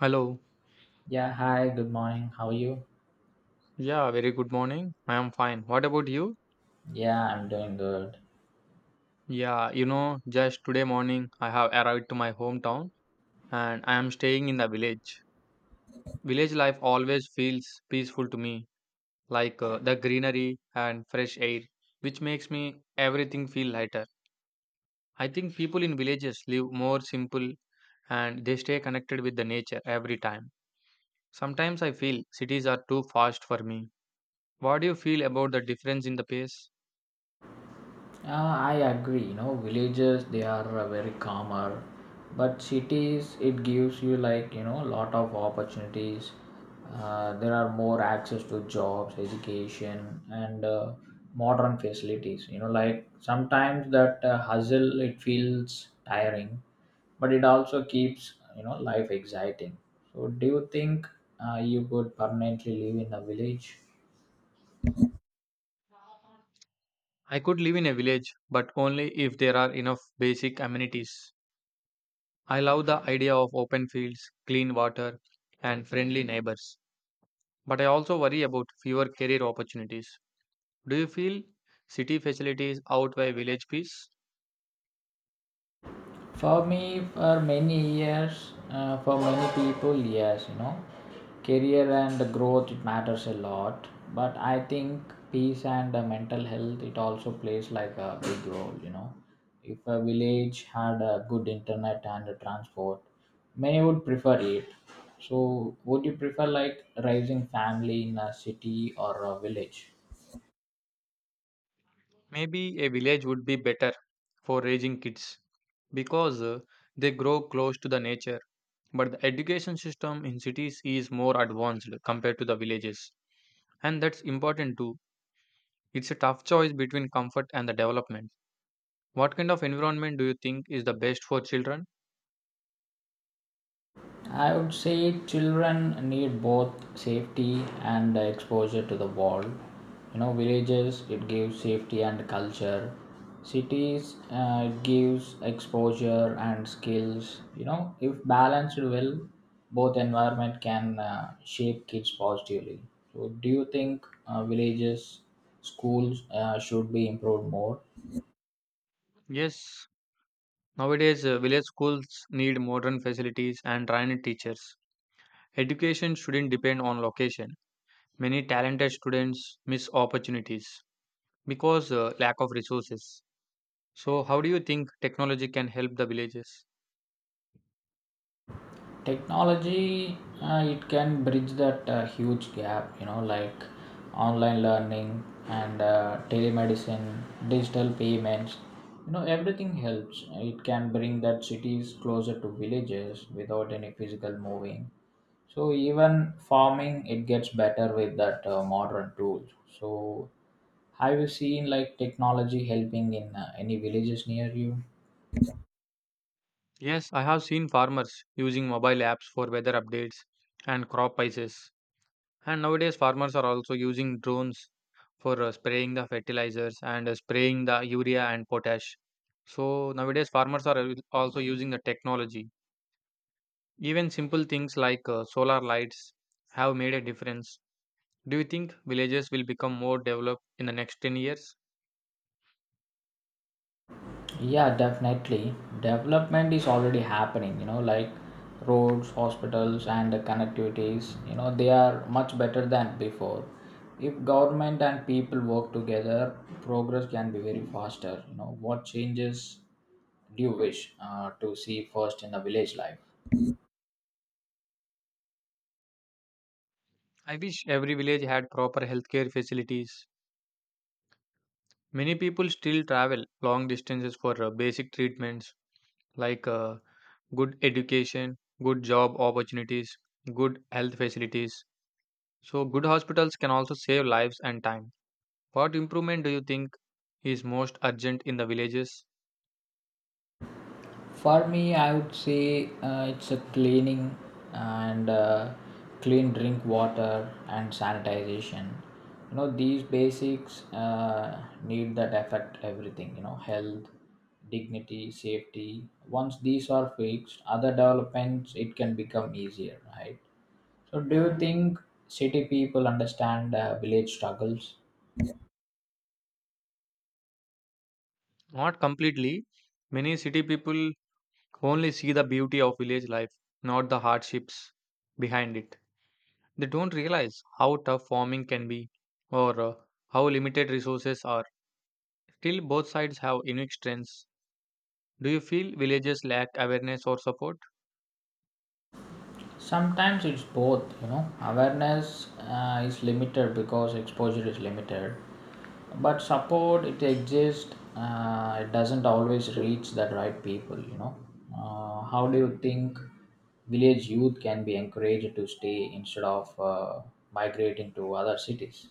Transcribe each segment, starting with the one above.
Hello. Yeah, hi, good morning. How are you? Yeah, very good morning. I am fine. What about you? Yeah, I'm doing good. Yeah, just today morning I have arrived to my hometown and I am staying in the village. Village life always feels peaceful to me, like the greenery and fresh air, which makes me everything feel lighter. I think people in villages live more simple and they stay connected with the nature every time. Sometimes I feel cities are too fast for me. What do you feel about the difference in the pace? I agree, you know, villages they are very calmer, but cities it gives you like, you know, a lot of opportunities. There are more access to jobs, education, and modern facilities. You know, like sometimes that hustle it feels tiring, but it also keeps, you know, life exciting. So, do you think you could permanently live in a village? I could live in a village, but only if there are enough basic amenities. I love the idea of open fields, clean water, and friendly neighbors. But I also worry about fewer career opportunities. Do you feel city facilities outweigh village peace? For me, for many years, for many people, yes, you know, career and growth it matters a lot. But I think peace and mental health it also plays like a big role. You know, if a village had a good internet and transport, many would prefer it. So, would you prefer like raising family in a city or a village? Maybe a village would be better for raising kids because they grow close to the nature. But the education system in cities is more advanced compared to the villages. And that's important too. It's a tough choice between comfort and the development. What kind of environment do you think is the best for children? I would say children need both safety and exposure to the world. You know, villages it gives safety and culture. Cities it gives exposure and skills. You know, if balanced well, both environment can shape kids positively. So, do you think villages schools should be improved more? Yes, nowadays village schools need modern facilities and trained teachers. Education shouldn't depend on location. Many talented students miss opportunities because lack of resources. So how do you think technology can help the villages? Technology it can bridge that huge gap, you know, like online learning and telemedicine, digital payments, you know, everything helps. It can bring that cities closer to villages without any physical moving. So even farming it gets better with that modern tools. So have you seen like technology helping in any villages near you? Yes, I have seen farmers using mobile apps for weather updates and crop prices. And nowadays, farmers are also using drones for spraying the fertilizers and spraying the urea and potash. So nowadays, farmers are also using the technology. Even simple things like solar lights have made a difference. Do you think villages will become more developed in the next 10 years? Yeah, definitely. Development is already happening, you know, like roads, hospitals, and the connectivities, you know, they are much better than before. If government and people work together, progress can be very faster. You know, what changes do you wish to see first in the village life? I wish every village had proper healthcare facilities. Many people still travel long distances for basic treatments. Like good education, good job opportunities, good health facilities. So, good hospitals can also save lives and time. What improvement do you think is most urgent in the villages? For me, I would say it's a cleaning and clean drink water and sanitization. You know, these basics need that affect everything, you know, health, dignity, safety. Once these are fixed, other developments, it can become easier, right? So, do you think city people understand village struggles? Not completely. Many city people only see the beauty of village life, not the hardships behind it. They don't realize how tough farming can be or how limited resources are. Still, both sides have unique strengths. Do you feel villages lack awareness or support? Sometimes it's both, you know. Awareness is limited because exposure is limited, but support it exists. It doesn't always reach the right people, you know. How do you think village youth can be encouraged to stay instead of migrating to other cities?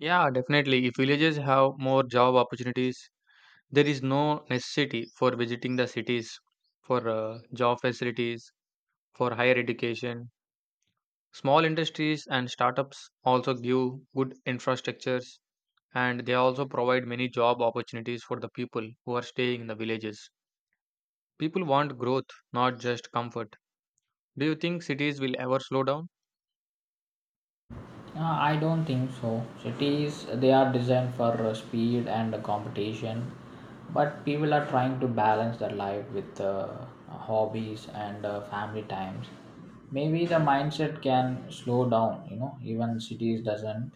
Yeah, definitely. If villages have more job opportunities, there is no necessity for visiting the cities for job facilities, for higher education. Small industries and startups also give good infrastructures and they also provide many job opportunities for the people who are staying in the villages. People want growth, not just comfort. Do you think cities will ever slow down? I don't think so. Cities they are designed for speed and competition, but people are trying to balance their life with hobbies and family times. Maybe the mindset can slow down. You know, even cities doesn't.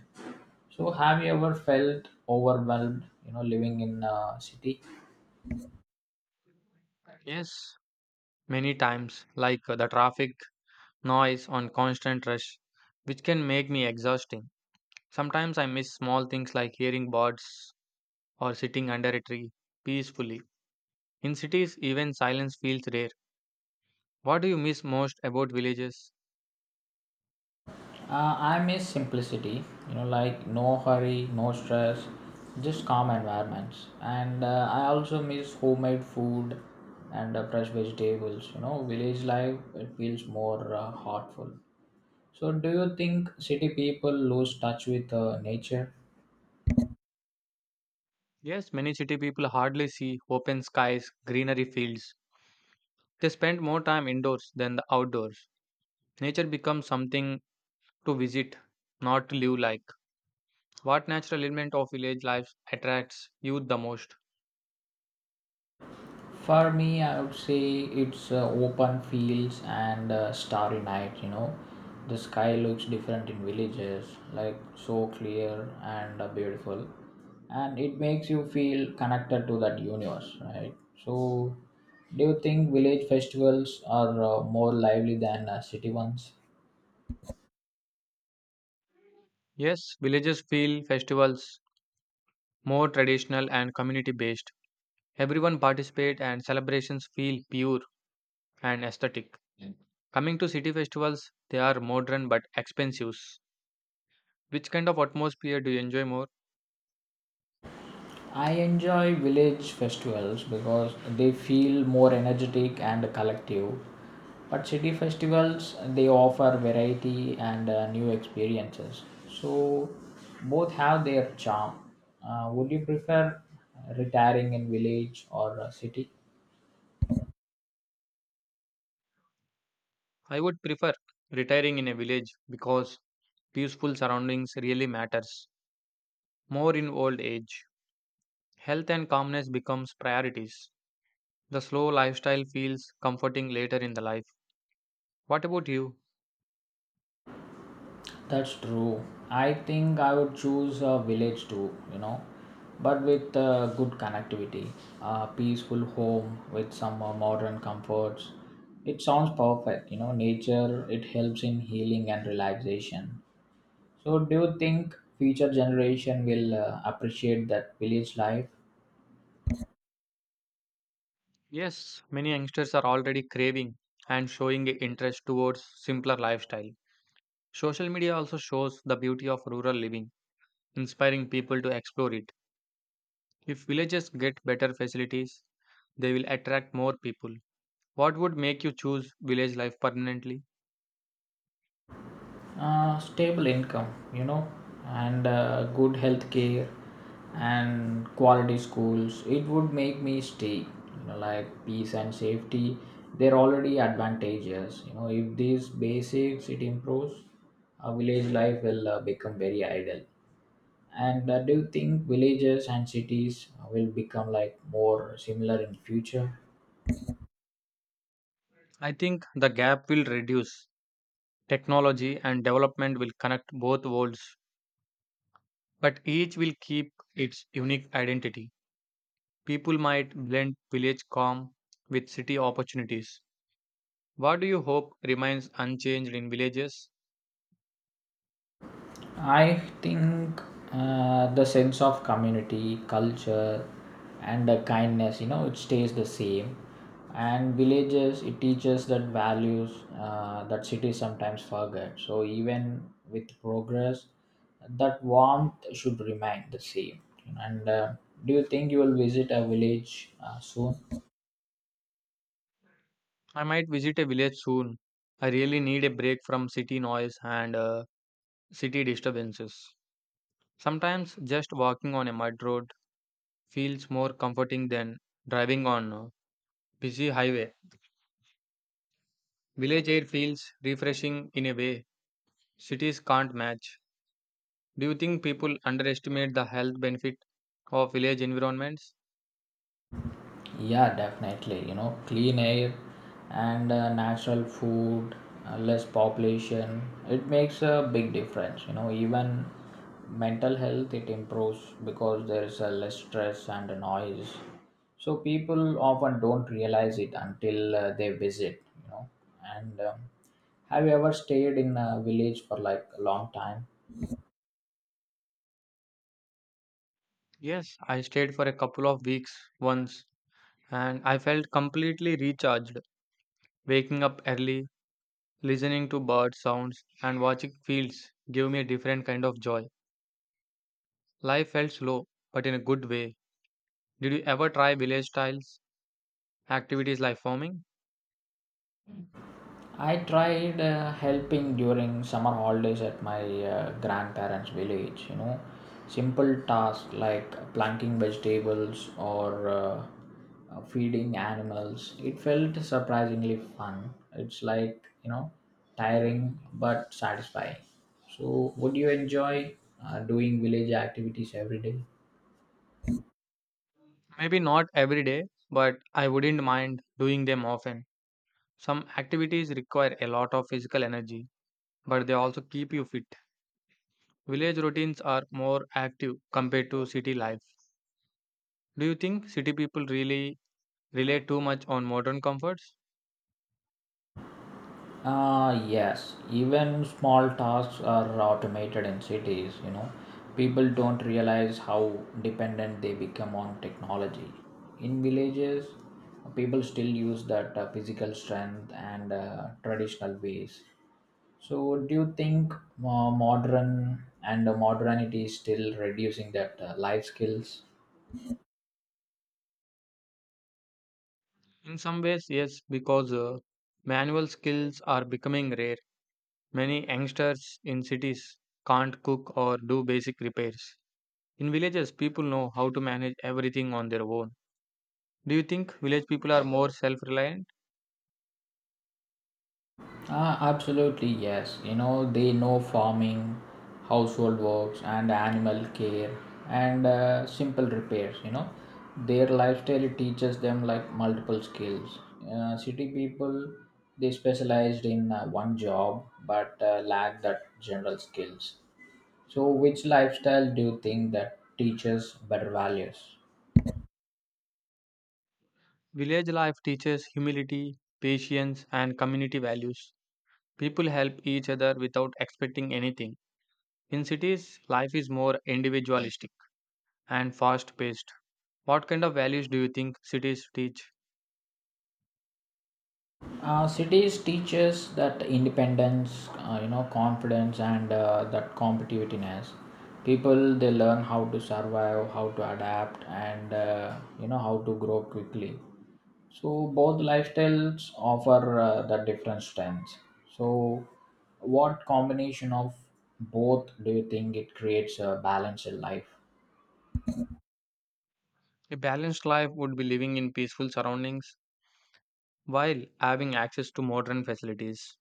So, have you ever felt overwhelmed? You know, living in a city. Yes, many times, like the traffic, noise, on constant rush, which can make me exhausting. Sometimes I miss small things like hearing birds or sitting under a tree peacefully. In cities, even silence feels rare. What do you miss most about villages? I miss simplicity, you know, like no hurry, no stress, just calm environments. And I also miss homemade food and fresh vegetables. You know, village life, it feels more heartful. So, do you think city people lose touch with nature? Yes, many city people hardly see open skies, greenery fields. They spend more time indoors than the outdoors. Nature becomes something to visit, not to live like. What natural element of village life attracts you the most? For me, I would say it's open fields and starry night. You know, the sky looks different in villages, like so clear and beautiful, and it makes you feel connected to that universe, right? So, do you think village festivals are more lively than city ones? Yes, villages feel festivals more traditional and community based. Everyone participate and celebrations feel pure and aesthetic. Coming to city festivals, they are modern but expensive. Which kind of atmosphere do you enjoy more? I enjoy village festivals because they feel more energetic and collective. But city festivals they offer variety and new experiences. So both have their charm. Would you prefer retiring in village or city? I would prefer retiring in a village because peaceful surroundings really matters more in old age. Health and calmness becomes priorities. The slow lifestyle feels comforting later in the life. What about you? That's true. I think I would choose a village too, you know, but with good connectivity, a peaceful home with some modern comforts. It sounds perfect, you know, nature, it helps in healing and relaxation. So, do you think future generation will appreciate that village life? Yes, many youngsters are already craving and showing a interest towards simpler lifestyle. Social media also shows the beauty of rural living, inspiring people to explore it. If villages get better facilities, they will attract more people. What would make you choose village life permanently? Stable income, you know, and good health care and quality schools. It would make me stay, you know, like peace and safety. They're already advantageous. You know, if these basics it improves, village life will become very ideal. And do you think villages and cities will become like more similar in future? I think the gap will reduce. Technology and development will connect both worlds, but each will keep its unique identity. People might blend village calm with city opportunities. What do you hope remains unchanged in villages? I think the sense of community, culture, and kindness, you know, it stays the same. And villages, it teaches that values that cities sometimes forget. So even with progress, that warmth should remain the same. And do you think you will visit a village soon? I might visit a village soon. I really need a break from city noise and city disturbances. Sometimes just walking on a mud road feels more comforting than driving on a busy highway. Village air feels refreshing in a way cities can't match. Do you think people underestimate the health benefit of village environments? Yeah, definitely. You know, clean air and natural food, less population, it makes a big difference. You know, even mental health it improves because there is a less stress and a noise. So people often don't realize it until they visit. You know, and have you ever stayed in a village for like a long time? Yes, I stayed for a couple of weeks once and I felt completely recharged. Waking up early, listening to bird sounds and watching fields gave me a different kind of joy. Life felt slow, but in a good way. Did you ever try village styles activities like farming? I tried helping during summer holidays at my grandparents' village, you know, simple tasks like planting vegetables or feeding animals. It felt surprisingly fun. It's like, you know, tiring but satisfying. So, would you enjoy doing village activities every day? Maybe not every day, but I wouldn't mind doing them often. Some activities require a lot of physical energy, but they also keep you fit. Village routines are more active compared to city life. Do you think city people really rely too much on modern comforts? Yes, even small tasks are automated in cities, you know. People don't realize how dependent they become on technology. In villages, people still use that physical strength and traditional ways. So, do you think modern and modernity is still reducing that life skills? In some ways, yes, because manual skills are becoming rare. Many youngsters in cities can't cook or do basic repairs. In villages, people know how to manage everything on their own. Do you think village people are more self reliant? Ah, absolutely, yes. You know, they know farming, household works, and animal care, and simple repairs. You know, their lifestyle teaches them like multiple skills. City people, they specialized in one job but lack that general skills. So, which lifestyle do you think that teaches better values? Village life teaches humility, patience, and community values. People help each other without expecting anything. In cities, life is more individualistic and fast paced. What kind of values do you think cities teach? Cities teaches that independence, you know, confidence, and that competitiveness. People they learn how to survive, how to adapt, and you know how to grow quickly. So both lifestyles offer the different strengths. So, what combination of both do you think it creates a balanced life? A balanced life would be living in peaceful surroundings while having access to modern facilities.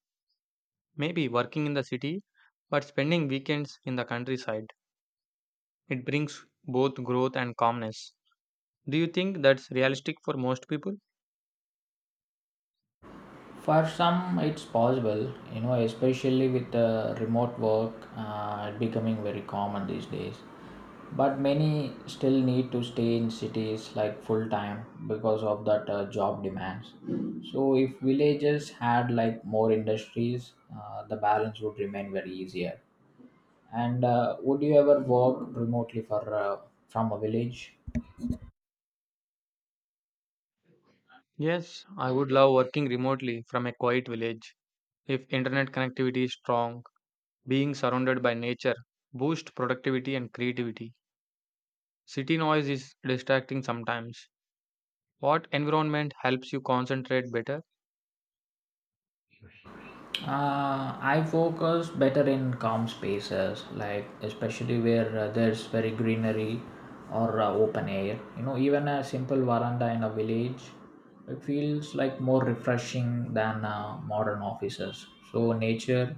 Maybe working in the city, but spending weekends in the countryside. It brings both growth and calmness. Do you think that's realistic for most people? For some, it's possible, you know, especially with remote work becoming very common these days. But many still need to stay in cities like full time because of that job demands. So, if villages had like more industries, the balance would remain very easier. And would you ever work remotely for from a village? Yes, I would love working remotely from a quiet village. If internet connectivity is strong, being surrounded by nature boosts productivity and creativity. City noise is distracting sometimes. What environment helps you concentrate better? I focus better in calm spaces, like especially where there's very greenery or open air. You know, even a simple veranda in a village, it feels like more refreshing than modern offices. So nature,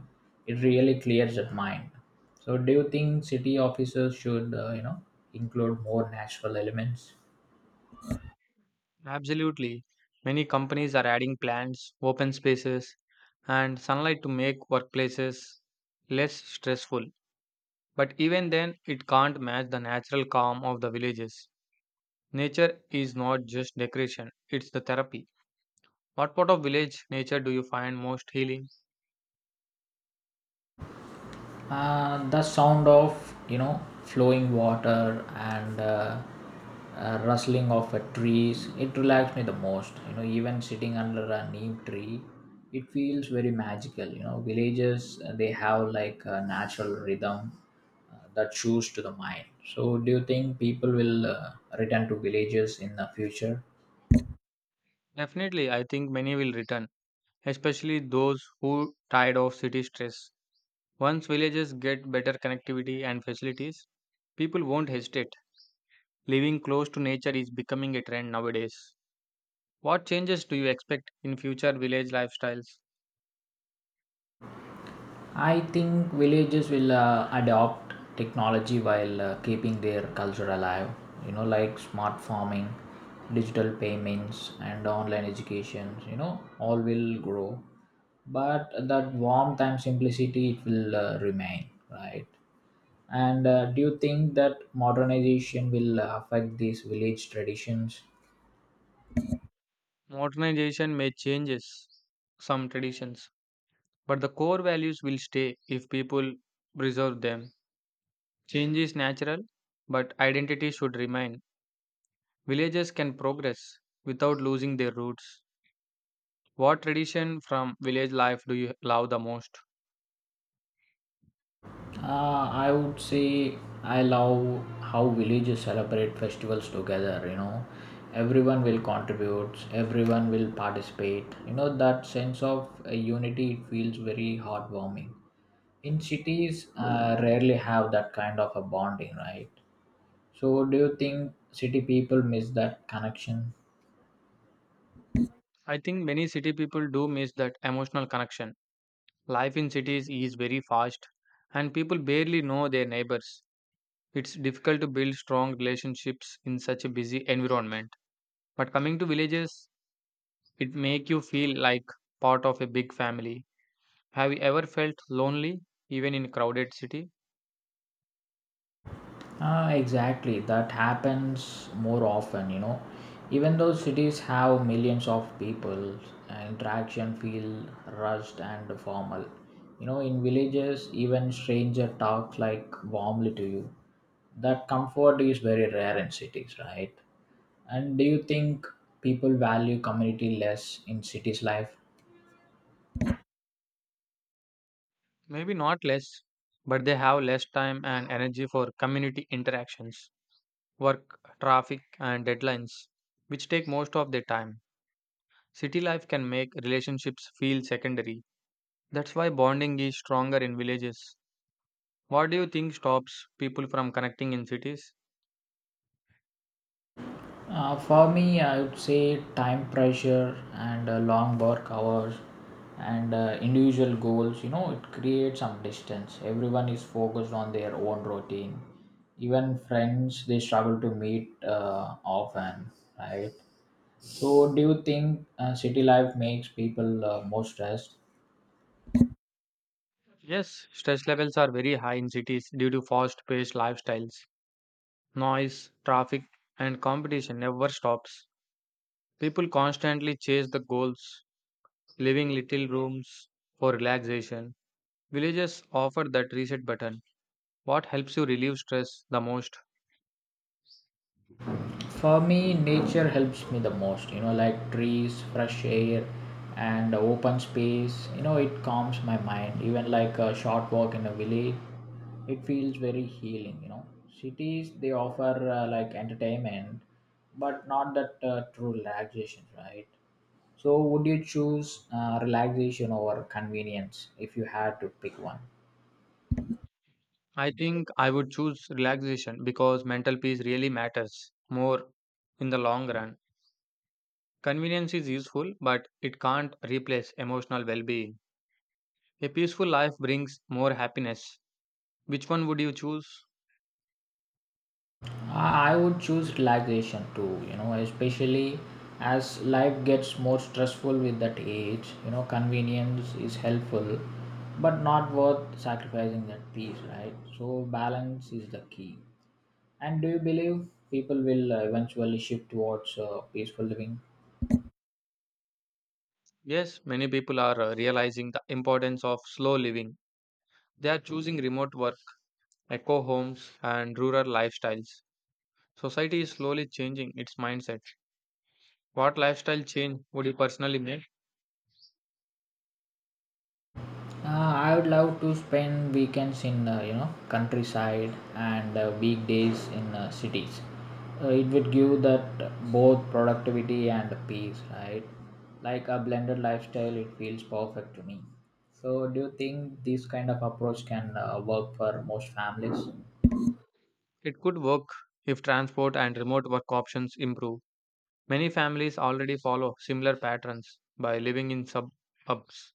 it really clears the mind. So do you think city offices should, you know, include more natural elements? Absolutely. Many companies are adding plants, open spaces, and sunlight to make workplaces less stressful. But even then, it can't match the natural calm of the villages. Nature is not just decoration, it's the therapy. What part of village nature do you find most healing? The sound of, you know, flowing water and rustling of trees, it relaxed me the most. You know, even sitting under a neem tree, it feels very magical. You know, villages they have like a natural rhythm that shows to the mind. So do you think people will return to villages in the future? Definitely, I think many will return, especially those who tired of city stress. Once villages get better connectivity and facilities, people won't hesitate. Living close to nature is becoming a trend nowadays. What changes do you expect in future village lifestyles? I think villages will adopt technology while keeping their culture alive, you know, like smart farming, digital payments, and online education, you know, all will grow. But that warmth and simplicity it will remain, right? And do you think that modernization will affect these village traditions? Modernization may changes some traditions, but the core values will stay if people preserve them. Change is natural, but identity should remain. Villages can progress without losing their roots. What tradition from village life do you love the most? I would say I love how villages celebrate festivals together. You know, everyone will contribute, everyone will participate. You know, that sense of unity it feels very heartwarming. In cities, rarely have that kind of a bonding, right? So, do you think city people miss that connection? I think many city people do miss that emotional connection. Life in cities is very fast and people barely know their neighbors. It's difficult to build strong relationships in such a busy environment. But coming to villages, it make you feel like part of a big family. Have you ever felt lonely even in crowded city? Ah, exactly. That happens more often, you know. Even though cities have millions of people, interaction feel rushed and formal. You know, in villages, even stranger talks like warmly to you. That comfort is very rare in cities, right? And do you think people value community less in cities life? Maybe not less, but they have less time and energy for community interactions, work, traffic and deadlines, which take most of their time. City life can make relationships feel secondary. That's why bonding is stronger in villages. What do you think stops people from connecting in cities? For me, I would say time pressure and long work hours and individual goals. You know, it creates some distance. Everyone is focused on their own routine. Even friends, they struggle to meet often, right? So, do you think city life makes people more stressed? Yes, stress levels are very high in cities due to fast paced lifestyles. Noise, traffic, and competition never stops. People constantly chase the goals, leaving little rooms for relaxation. Villages offer that reset button. What helps you relieve stress the most? For me, nature helps me the most. You know, like trees, fresh air, and open space. You know, it calms my mind. Even like a short walk in a village, it feels very healing. You know, cities they offer like entertainment, but not that true relaxation, right? So, would you choose relaxation over convenience if you had to pick one? I think I would choose relaxation because mental peace really matters more in the long run. Convenience is useful, but it can't replace emotional well being. A peaceful life brings more happiness. Which one would you choose? I would choose relaxation too, you know, especially as life gets more stressful with that age. You know, convenience is helpful, but not worth sacrificing that peace, right? So, balance is the key. And do you believe people will eventually shift towards peaceful living? Yes, many people are realizing the importance of slow living. They are choosing remote work, eco homes, and rural lifestyles. Society is slowly changing its mindset. What lifestyle change would you personally make? I would love to spend weekends in you know countryside and weekdays in cities. It would give that both productivity and peace, right? Like a blended lifestyle, it feels perfect to me. So, do you think this kind of approach can work for most families? It could work if transport and remote work options improve. Many families already follow similar patterns by living in suburbs.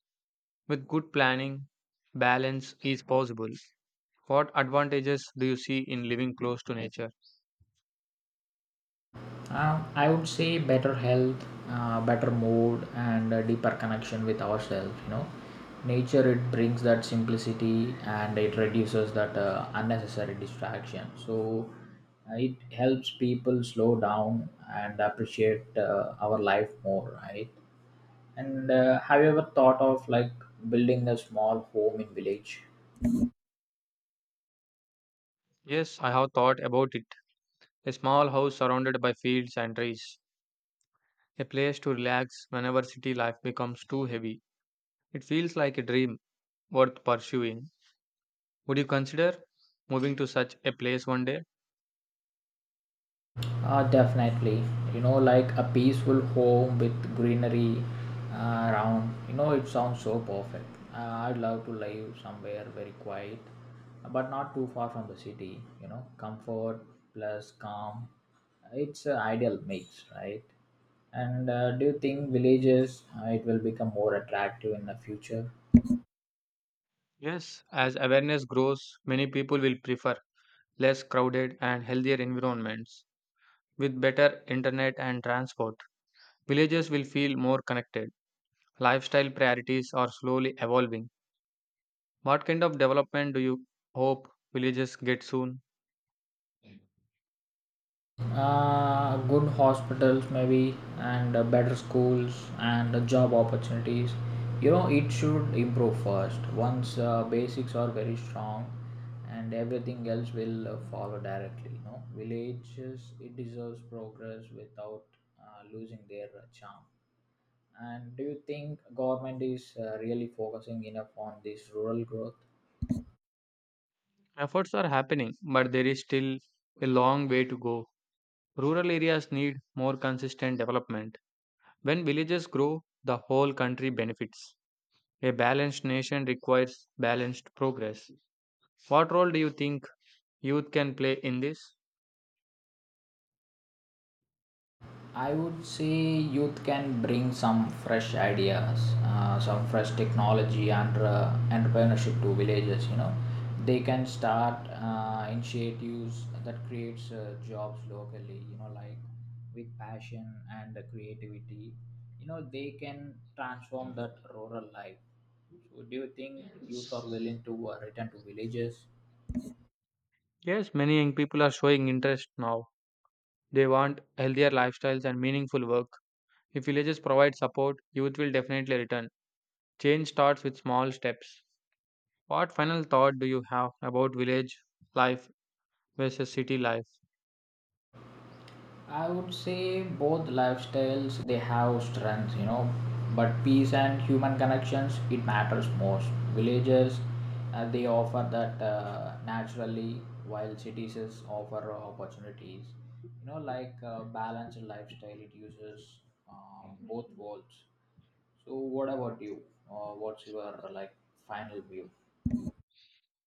With good planning, balance is possible. What advantages do you see in living close to nature? I would say better health, better mood, and a deeper connection with ourselves. You know, nature it brings that simplicity and it reduces that unnecessary distraction. So it helps people slow down and appreciate our life more, right? And have you ever thought of like building a small home in village? Yes, I have thought about it. A small house surrounded by fields and trees, a place to relax whenever city life becomes too heavy. It feels like a dream worth pursuing. Would you consider moving to such a place one day? Definitely, you know, like a peaceful home with greenery around. You know, it sounds so perfect. I'd love to live somewhere very quiet, but not too far from the city. You know, comfort plus calm. It's an ideal mix, right? And do you think villages it will become more attractive in the future? Yes, as awareness grows, many people will prefer less crowded and healthier environments. With better internet and transport, villages will feel more connected. Lifestyle priorities are slowly evolving. What kind of development do you hope villages get soon? Good hospitals, maybe, and better schools and job opportunities. You know, it should improve first. Once basics are very strong, and everything else will follow directly. You know, villages it deserves progress without losing their charm. And do you think government is really focusing enough on this rural growth? Efforts are happening, but there is still a long way to go. Rural areas need more consistent development. When villages grow, the whole country benefits. A balanced nation requires balanced progress. What role do you think youth can play in this? I would say youth can bring some fresh ideas, some fresh technology and entrepreneurship to villages. You know, they can start initiatives that creates jobs locally. You know, like with passion and creativity. You know, they can transform that rural life. So, do you think youth are willing to return to villages? Yes, many young people are showing interest now. They want healthier lifestyles and meaningful work. If villages provide support, youth will definitely return. Change starts with small steps. What final thought do you have about village life versus city life? I would say both lifestyles they have strengths, you know, but peace and human connections it matters most. Villages they offer that naturally, while cities is offer opportunities. You know, like balanced lifestyle, it uses uh, both worlds. So, what about you? What's your like final view?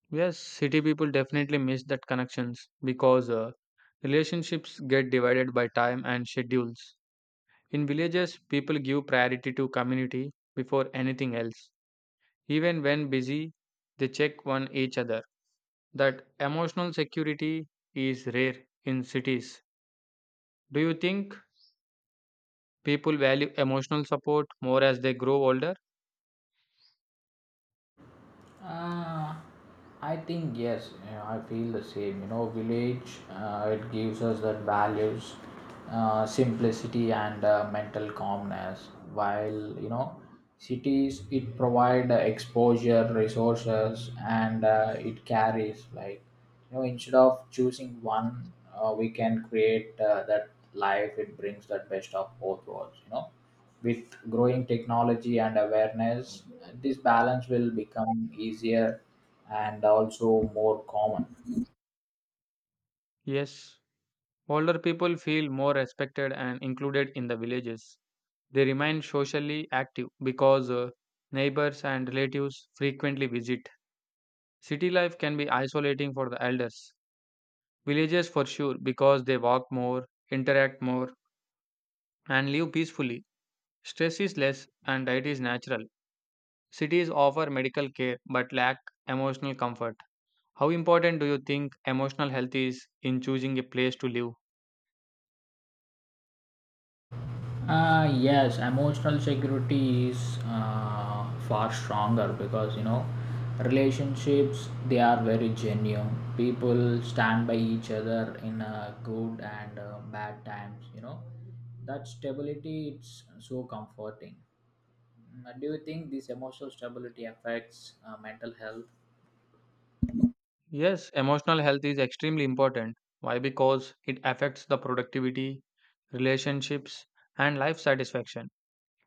Yes, city people definitely miss that connections because relationships get divided by time and schedules. In villages, people give priority to community before anything else. Even when busy, they check on each other. That emotional security is rare in cities. Do you think people value emotional support more as they grow older? Uh, I think yes, you know, I feel the same. You know, village it gives us that values, simplicity and mental calmness. While you know, cities it provide exposure, resources, and it carries like you know instead of choosing one, we can create that life. It brings that best of both worlds. You know with growing technology and awareness, this balance will become easier and also more common. Yes, older people feel more respected and included in the villages. They remain socially active because neighbors and relatives frequently visit. City life can be isolating for the elders. Villages for sure because they walk more, interact more, and live peacefully. Stress is less and diet is natural. Cities offer medical care but lack emotional comfort. How important do you think emotional health is in choosing a place to live? Yes, emotional security is far stronger because you know relationships they are very genuine. People stand by each other in good and bad times. You know that stability it's so comforting. Mm, do you think this emotional stability affects mental health? Yes, emotional health is extremely important. Why? Because it affects the productivity, relationships, and life satisfaction.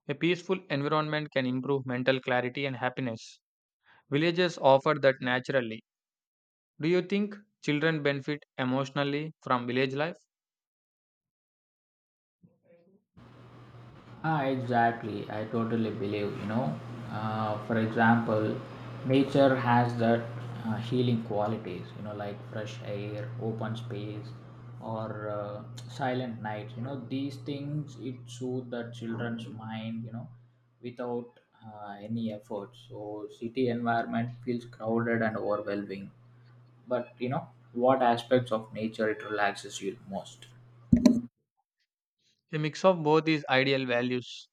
A peaceful environment can improve mental clarity and happiness. Villages offer that naturally. Do you think children benefit emotionally from village life? Exactly. I totally believe, you know. For example, nature has that healing qualities, you know, like fresh air, open space, or silent nights. You know, these things it soothe the children's mind, you know, without any effort. So, city environment feels crowded and overwhelming. But, you know, what aspects of nature it relaxes you most? A mix of both is ideal values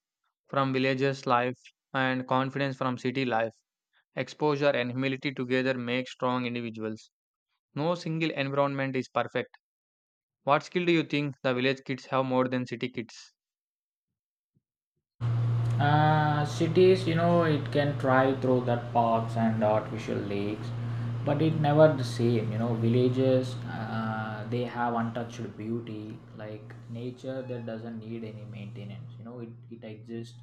from villages life and confidence from city life. Exposure and humility together make strong individuals. No single environment is perfect. What skill do you think the village kids have more than city kids? Cities, you know, it can try through that parks and artificial lakes, but it never the same. You know, villages, they have untouched beauty, like nature that doesn't need any maintenance. You know, it exists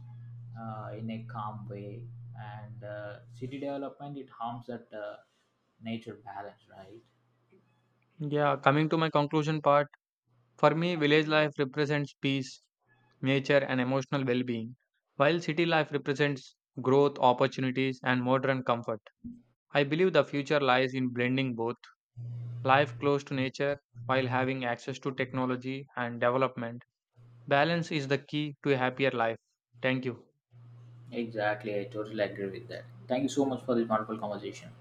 in a calm way, and city development it harms that nature balance, right? Yeah, coming to my conclusion part, for me, village life represents peace, nature, and emotional well being, while city life represents growth, opportunities, and modern comfort. I believe the future lies in blending both life close to nature while having access to technology and development. Balance is the key to a happier life. Thank you. Exactly, I totally agree with that. Thank you so much for this wonderful conversation.